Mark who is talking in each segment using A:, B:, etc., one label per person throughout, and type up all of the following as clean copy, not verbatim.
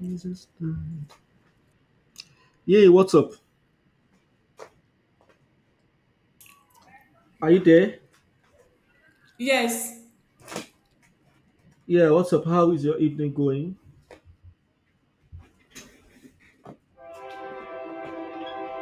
A: Jesus. Name. Yay, what's up? Are you there?
B: Yes,
A: Yeah, what's up? How is your evening going?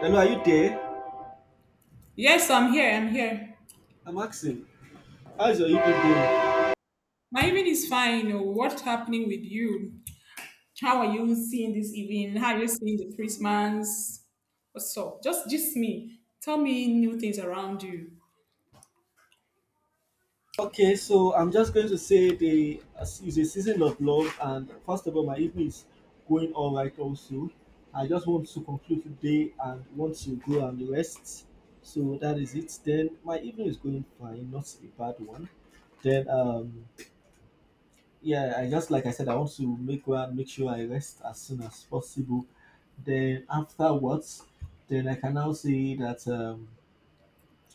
A: Hello, are you there?
B: yes, I'm here. I'm here.
A: I'm asking. How's your evening going?
B: My evening is fine. Oh, what's happening with you? How are you seeing this evening? How are you seeing the Christmas? What's up? Just me. Tell me new things around you.
A: Okay, so I'm just going to say the it's a season of love, and first of all, my evening is going all right also. I just want to conclude today and want to go and rest. So that is it. Then my evening is going fine, not a bad one. Then yeah, I just like I said, I want to make sure I rest as soon as possible. Then afterwards, then I can now see that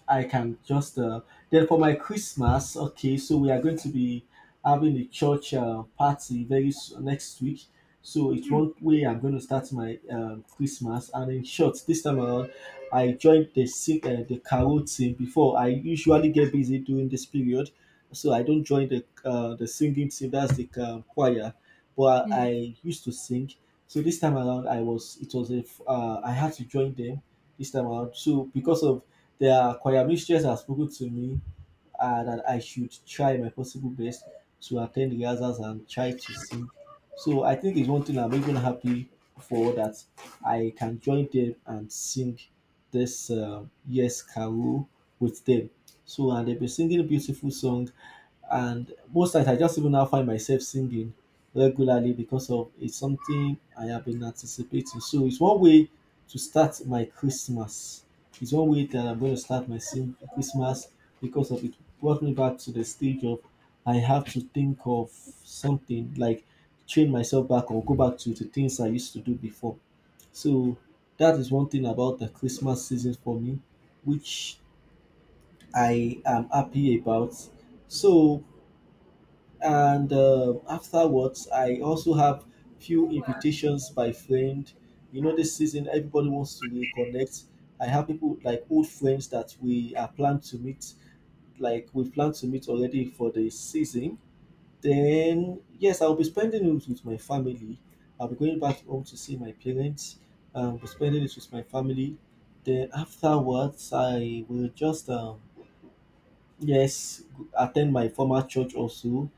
A: I can just then for my Christmas. Okay, so we are going to be having a church party next week. So it's
B: Hmm.
A: one way I'm going to start my Christmas. And in short, this time around, I joined the the carol team. Before, I usually get busy during this period, so I don't join the singing team. That's the choir, but
B: Hmm.
A: I used to sing. So this time around, I was it was I had to join them this time around. So because of their choir mistress has spoken to me that I should try my possible best to attend rehearsals and try to sing. So I think it's one thing I'm even happy for, that I can join them and sing this Yes Carol with them. So, and they've been singing a beautiful song, and most times I just even now find myself singing regularly, because of it's something I have been anticipating. So it's one way to start my Christmas. It's one way that I'm going to start my Christmas, because of it brought me back to the stage of I have to think of something like train myself back or go back to the things I used to do before. So that is one thing about the Christmas season for me, which I am happy about. So, and afterwards, I also have few invitations by friend. You know, this season everybody wants to reconnect. I have people like old friends that we are planned to meet, like we plan to meet already for the season. Then yes, I'll be spending it with my family. I'll be going back home to see my parents, be spending it with my family. Then afterwards, I will just yes, attend my former church also,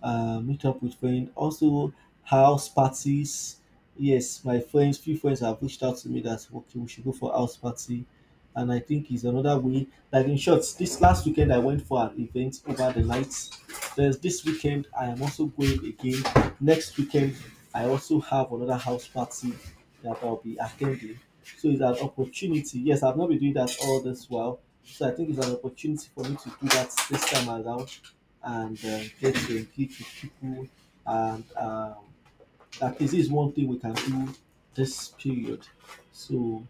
A: meet up with friends, also house parties. Yes, my friends, few friends have reached out to me that okay, we should go for house party, and I think it's another way. Like in short, this last weekend I went for an event over the night. There's this weekend I am also going again. Next weekend I also have another house party that I'll be attending. So it's an opportunity. Yes, I've not been doing that all this while, so I think it's an opportunity for me to do that this time around and get to engage with people. And at is one thing we can do this period. So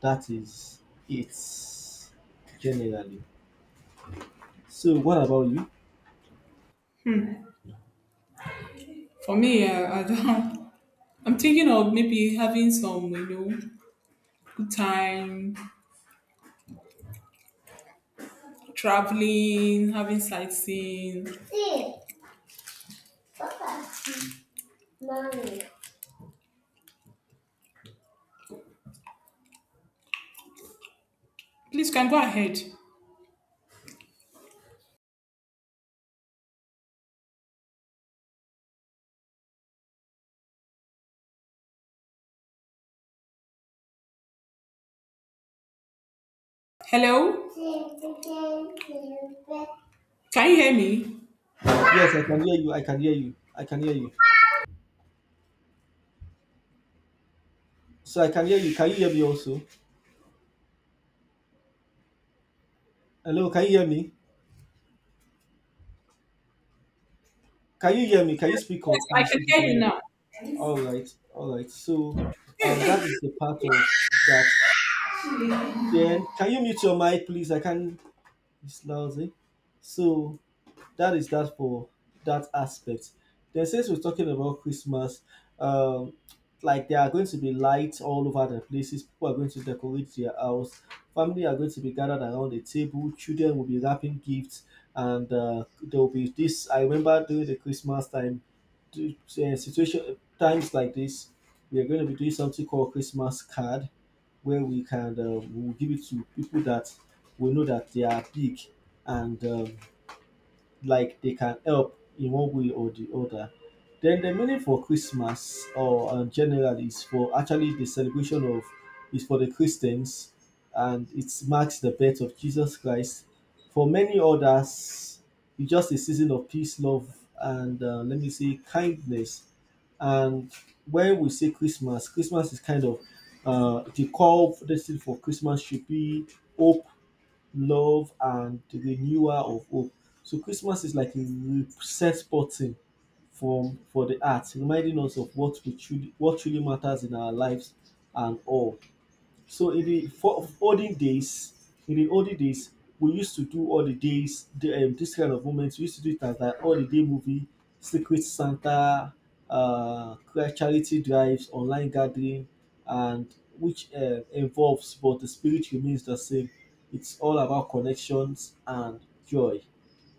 A: that is it generally. So what about you?
B: For me, I don't, I'm thinking of maybe having some, good time, traveling, having sightseeing. See, Mommy. Please, can go ahead. Hello? Can you hear me?
A: Yes, I can hear you. I can hear you. I can hear you. So I can hear you. Can you hear me also? Hello, can you hear me? Can you hear me? Can you speak
B: Yes,
A: up,
B: I
A: please,
B: can
A: if you
B: hear
A: can
B: you
A: hear?
B: now.
A: All right, all right. So that is the part of that. Then, can you mute your mic, please? I can't. It's lousy. So, that is that for that aspect. Then since we're talking about Christmas, um, like there are going to be lights all over the places. People are going to decorate their house. Family are going to be gathered around the table. Children will be wrapping gifts, and there will be this. I remember during the Christmas time, do- situation times like this, we are going to be doing something called Christmas card, where we can we'll give it to people that we know that they are big, and like they can help in one way or the other. Then the meaning for Christmas or generally is for actually the celebration of is for the Christians, and it marks the birth of Jesus Christ. For many others, it's just a season of peace, love, and let me say kindness. And when we say Christmas, Christmas is kind of the call for this for Christmas should be hope, love, and the renewal of hope. So Christmas is like a reset button from for the heart, reminding us of what truly matters in our lives and all. So in the for olden days, in the olden days, we used to do all the days, the, this kind of moments. We used to do it as like all the day movie, Secret Santa, uh, charity drives, online gathering, and which involves, but the spirit remains the same. It's all about connections and joy.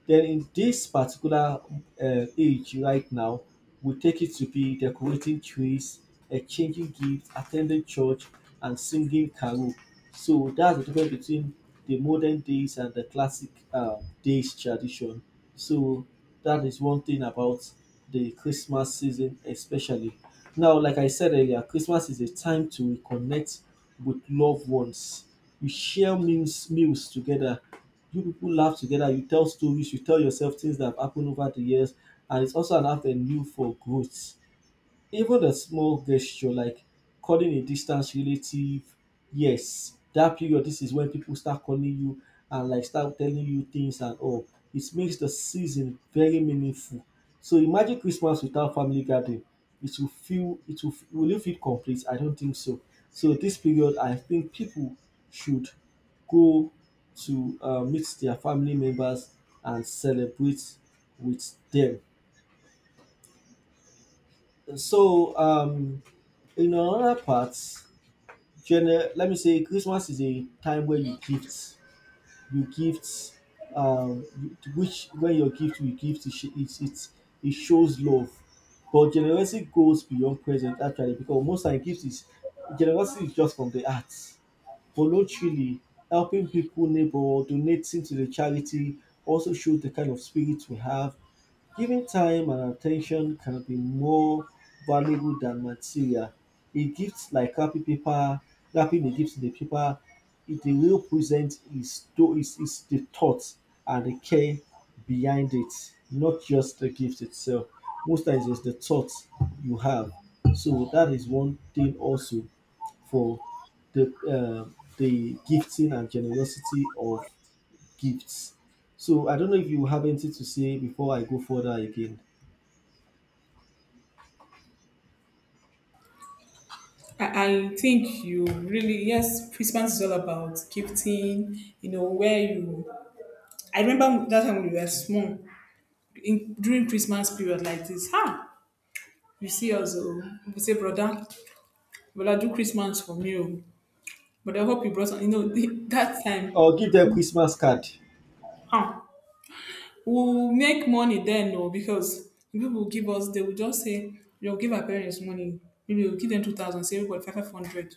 A: Then in this particular age right now, we take it to be decorating trees, exchanging gifts, attending church, and singing carol. So that's the difference between the modern days and the classic days tradition. So that is one thing about the Christmas season, especially now. Like I said earlier, Christmas is a time to reconnect with loved ones. You share meals together, you people laugh together, you tell stories, you tell yourself things that have happened over the years, and it's also an avenue for growth. Even a small gesture like calling a distance relative, yes, that period, this is when people start calling you and like start telling you things and all. It makes the season very meaningful. So imagine Christmas without family gathering. It will it feel complete? I don't think so. So this period I think people should go to meet their family members and celebrate with them. So, in another part, let me say Christmas is a time where you gift, which when your gift you gift it sh- it shows love, but generosity goes beyond present actually, because most time gifts is generosity is just from the heart, voluntarily helping people, neighbor, donating to the charity also shows the kind of spirit we have. Giving time and attention can be more valuable than material. A gift like wrapping paper, wrapping a gift in a paper, it is the thought and the care behind it, not just the gift itself. Most times it's the thought you have. So that is one thing also for the uh, the gifting and generosity of gifts. So I don't know if you have anything to say before I go further again.
B: I, I think you really, yes, Christmas is all about gifting, where you. I remember that time when we were small, during Christmas period like this, huh? You see us, oh, we say, brother, brother, do Christmas for me. Oh. But I hope you brought, that time,
A: Or give them Christmas card.
B: huh? We will make money then o, because if people will give us, they will just say they will give our parents money. Maybe we will give them 2,000, say everybody five hundred.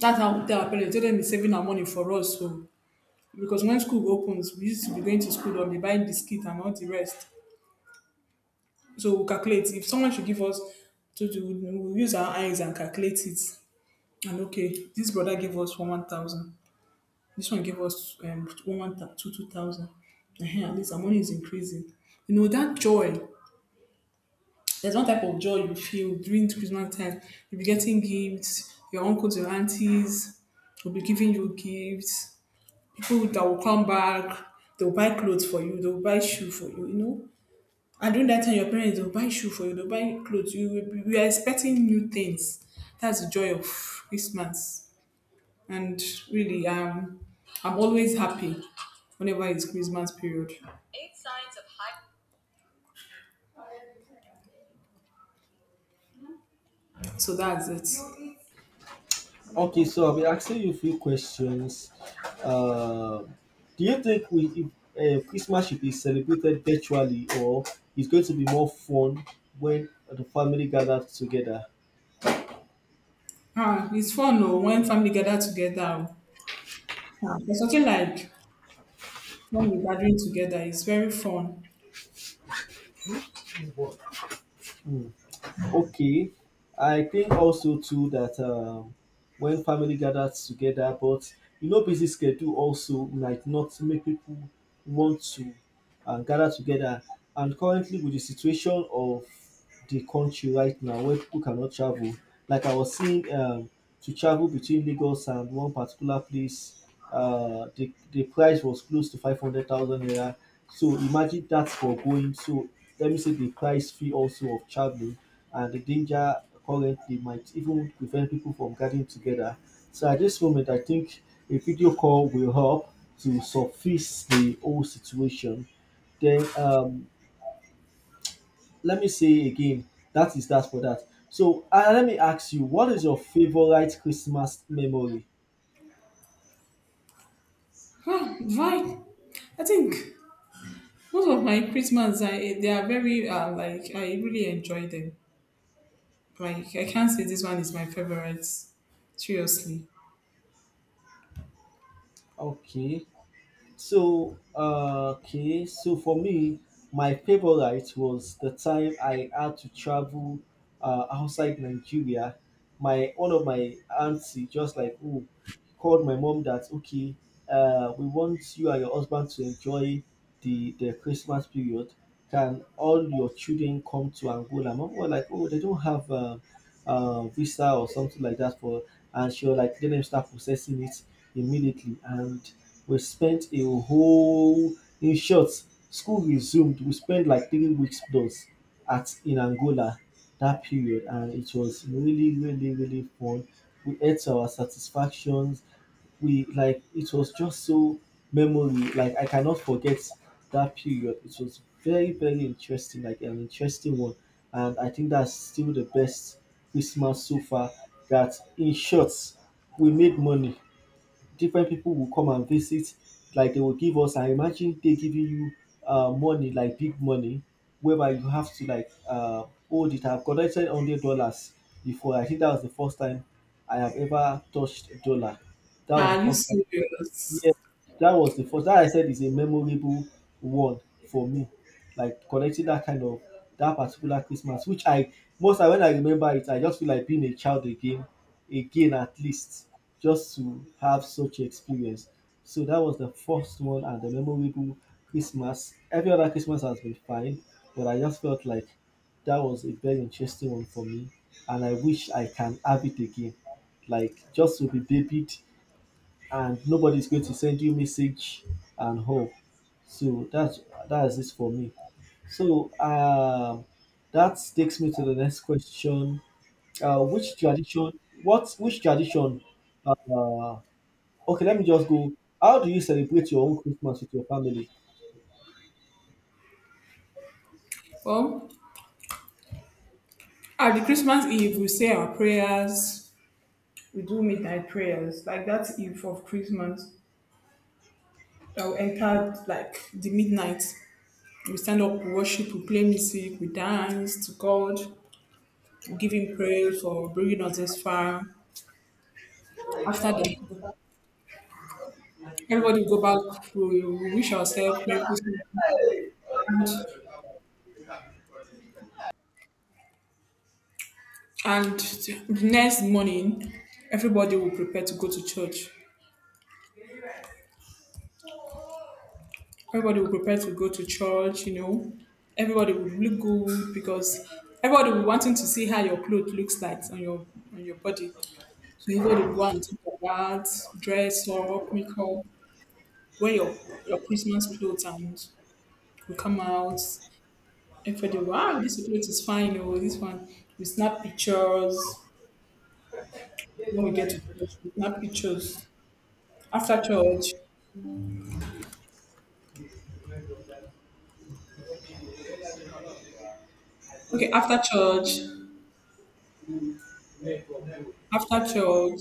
B: That's how we tell our parents, tell them be saving our money for us. So because when school opens we used to be going to school or be buying biscuit and all the rest, so we will calculate if someone should give us. To two, we will use our eyes and calculate it, and okay, this brother gave us one thousand, this one gave us one one two two thousand. At least our money is increasing. You know that joy. There's one type of joy you feel during Christmas time. You'll be getting gifts, your uncles, your aunties will be giving you gifts. People that will come back, they'll buy clothes for you, they'll buy shoe for you, you know. And during that time, your parents will buy shoe for you, they'll buy clothes. We are expecting new things. That's the joy of Christmas. And really, I'm always happy whenever it's Christmas period. So that's it.
A: Okay, so I'll be asking you a few questions. Uh, do you think we if, Christmas should be celebrated virtually, or it's going to be more fun when the family gathers together?
B: Ah, it's fun though when family gather together. Ah, there's something like when we gathering together it's very fun.
A: Hmm. Okay, I think also too that when family gathers together, but you know, busy schedule also might not make people want to gather together. And currently, with the situation of the country right now, where people cannot travel, like I was seeing, to travel between Lagos and one particular place, the price was close to 500,000 naira. So imagine that for going. So let me say the price fee also of travel and the danger currently might even prevent people from gathering together. So at this moment, I think a video call will help to suffice the whole situation. Then let me say again, that is that for that. So let me ask you, what is your favorite Christmas memory?
B: Huh, why? I think most of my Christmas, I they are very like I really enjoy them. Like I can't say this one is my favorite. Seriously,
A: Okay. So, so for me, my favorite was the time I had to travel outside Nigeria. My one of my auntie just like oh called my mom that okay, we want you and your husband to enjoy the Christmas period. Can all your children come to Angola? Mom was like oh they don't have visa or something like that for, and she was like let them start processing it immediately, and we spent a whole in short, school resumed. We spent like 3 weeks plus at in Angola that period, and it was really, really, really fun. We ate to our satisfactions. We like it was just so memory. Like I cannot forget that period. It was very, very interesting, like an interesting one. And I think that's still the best Christmas so far. That in short, we made money, different people will come and visit. Like they will give us, I imagine they giving you money like big money, whereby you have to like hold it. I've collected $100 before. I think that was the first time I have ever touched a dollar. That was the
B: are you
A: first time.
B: serious?
A: Yeah, that was the first that I said is a memorable one for me. Like connecting that kind of that particular Christmas, which I most time when I remember it, I just feel like being a child again, again at least, just to have such experience. So that was the first one and the memorable Christmas. Every other Christmas has been fine, but I just felt like that was a very interesting one for me, and I wish I can have it again, like just to be babied and nobody's going to send you message and all. So that's it for me. So that takes me to the next question. Which tradition? What which tradition? Uh, okay, let me just go. How do you celebrate your own Christmas with your family?
B: Well, at the Christmas Eve we say our prayers. We do midnight prayers like that Eve of Christmas. That we enter like the midnight. We stand up, we worship, we play music, we dance to God, giving praise for bringing us this far. After that, everybody will go back. We will wish ourselves Merry Christmas. And next morning, everybody will prepare to go to church. Everybody will prepare to go to church. Everybody will look good because everybody will wanting to see how your clothes looks like on your body. So everybody will go and take your bath, dress up, make up, wear your Christmas clothes, and we come out. And for the wow, this security is fine. Oh, this one we snap pictures when we get to church. We snap pictures after church. Okay, after church,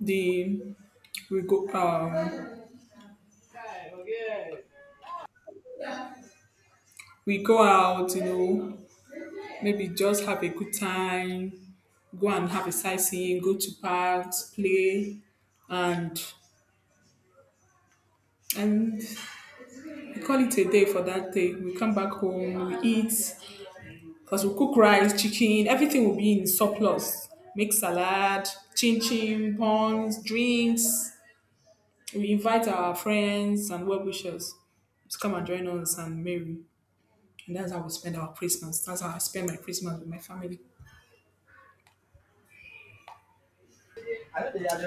B: the we go um we go out. Maybe just have a good time. Go and have a sightseeing. Go to parks, play, and and we call it a day for that day. We come back home. We eat. Because we'll cook rice, chicken, everything will be in surplus. Make salad, chin chin, buns, drinks. We invite our friends and well wishers to come and join us and merry. And that's how we spend our Christmas. That's how I spend my Christmas with my family.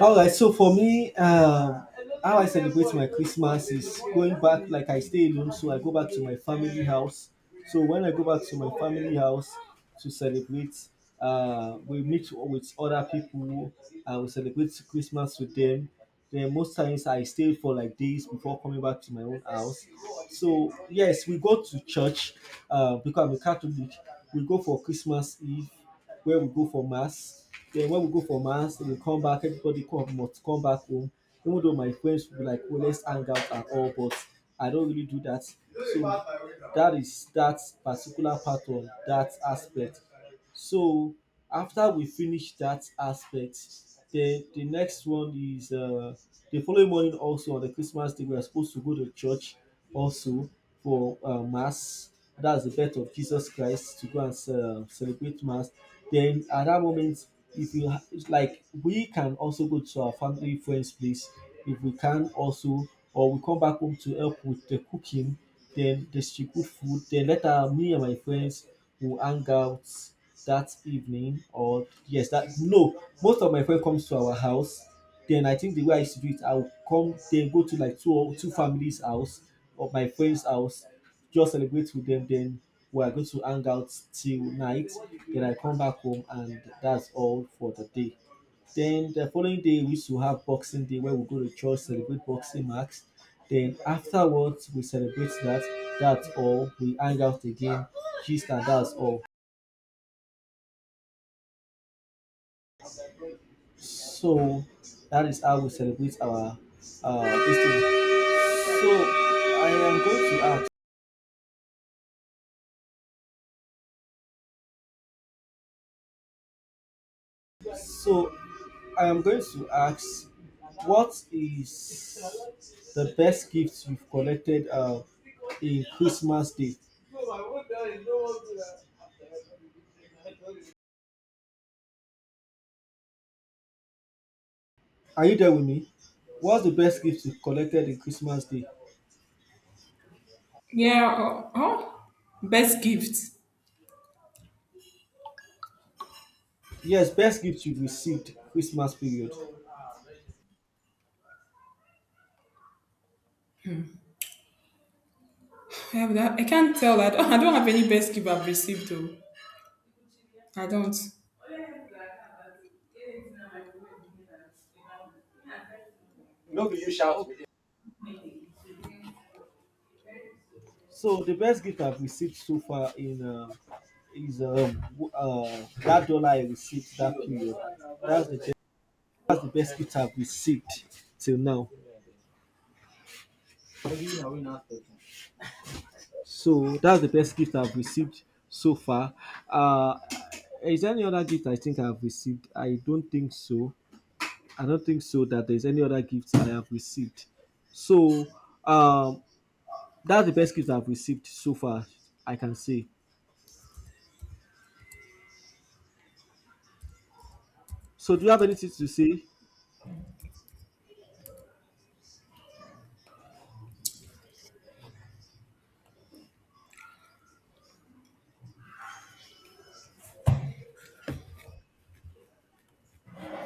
A: All right, so for me, how I celebrate my Christmas is going back, like I stay alone, so I go back to my family house. So when I go back to my family house to celebrate, we meet with other people, I will celebrate Christmas with them. Then most times I stay for like days before coming back to my own house. So yes, we go to church because I'm a Catholic. We go for Christmas Eve where we go for mass. Then when we go for mass, we come back, everybody come must come back home. Even though my friends will be like, oh, let's hang out and all, but I don't really do that. So that is that particular part of that aspect. So after we finish that aspect, the next one is the following morning also on the Christmas day we are supposed to go to church also for mass. That's the birth of Jesus Christ to go and celebrate mass. Then at that moment, if you ha- it's like we can also go to our family friends place if we can also, or we come back home to help with the cooking, then distribute food, then later me and my friends will hang out that evening. Or yes, that no, most of my friend comes to our house, then I think the way I used to do it, I would come then go to like 2 or 2 families house or my friends house, just celebrate with them, then we are going to hang out till night, then I come back home and that's all for the day. Then the following day we used to have Boxing Day where we go to church, celebrate boxing marks, then afterwards we celebrate that, that's all, we hang out again, gist and that's all. So that is how we celebrate our this So I am going to ask so I am going to ask what is the best gift you've collected in Christmas Day? Are you there with me? What's the best gift you've collected in Christmas Day?
B: Yeah, oh, oh. Best gift.
A: Yes, best gift you've received Christmas period.
B: I, have that. I can't tell. I don't, I don't have any best gift I've received though. I don't.
A: No, be you shout. So the best gift I've received so far in that dollar I received that period. That's the that's the best gift I've received till now. So that's the best gift I've received so far. Uh, is there any other gift I think I've received? I don't think so. I don't think so that there's any other gifts I have received. So um, that's the best gift I've received so far, I can say. So do you have anything to say?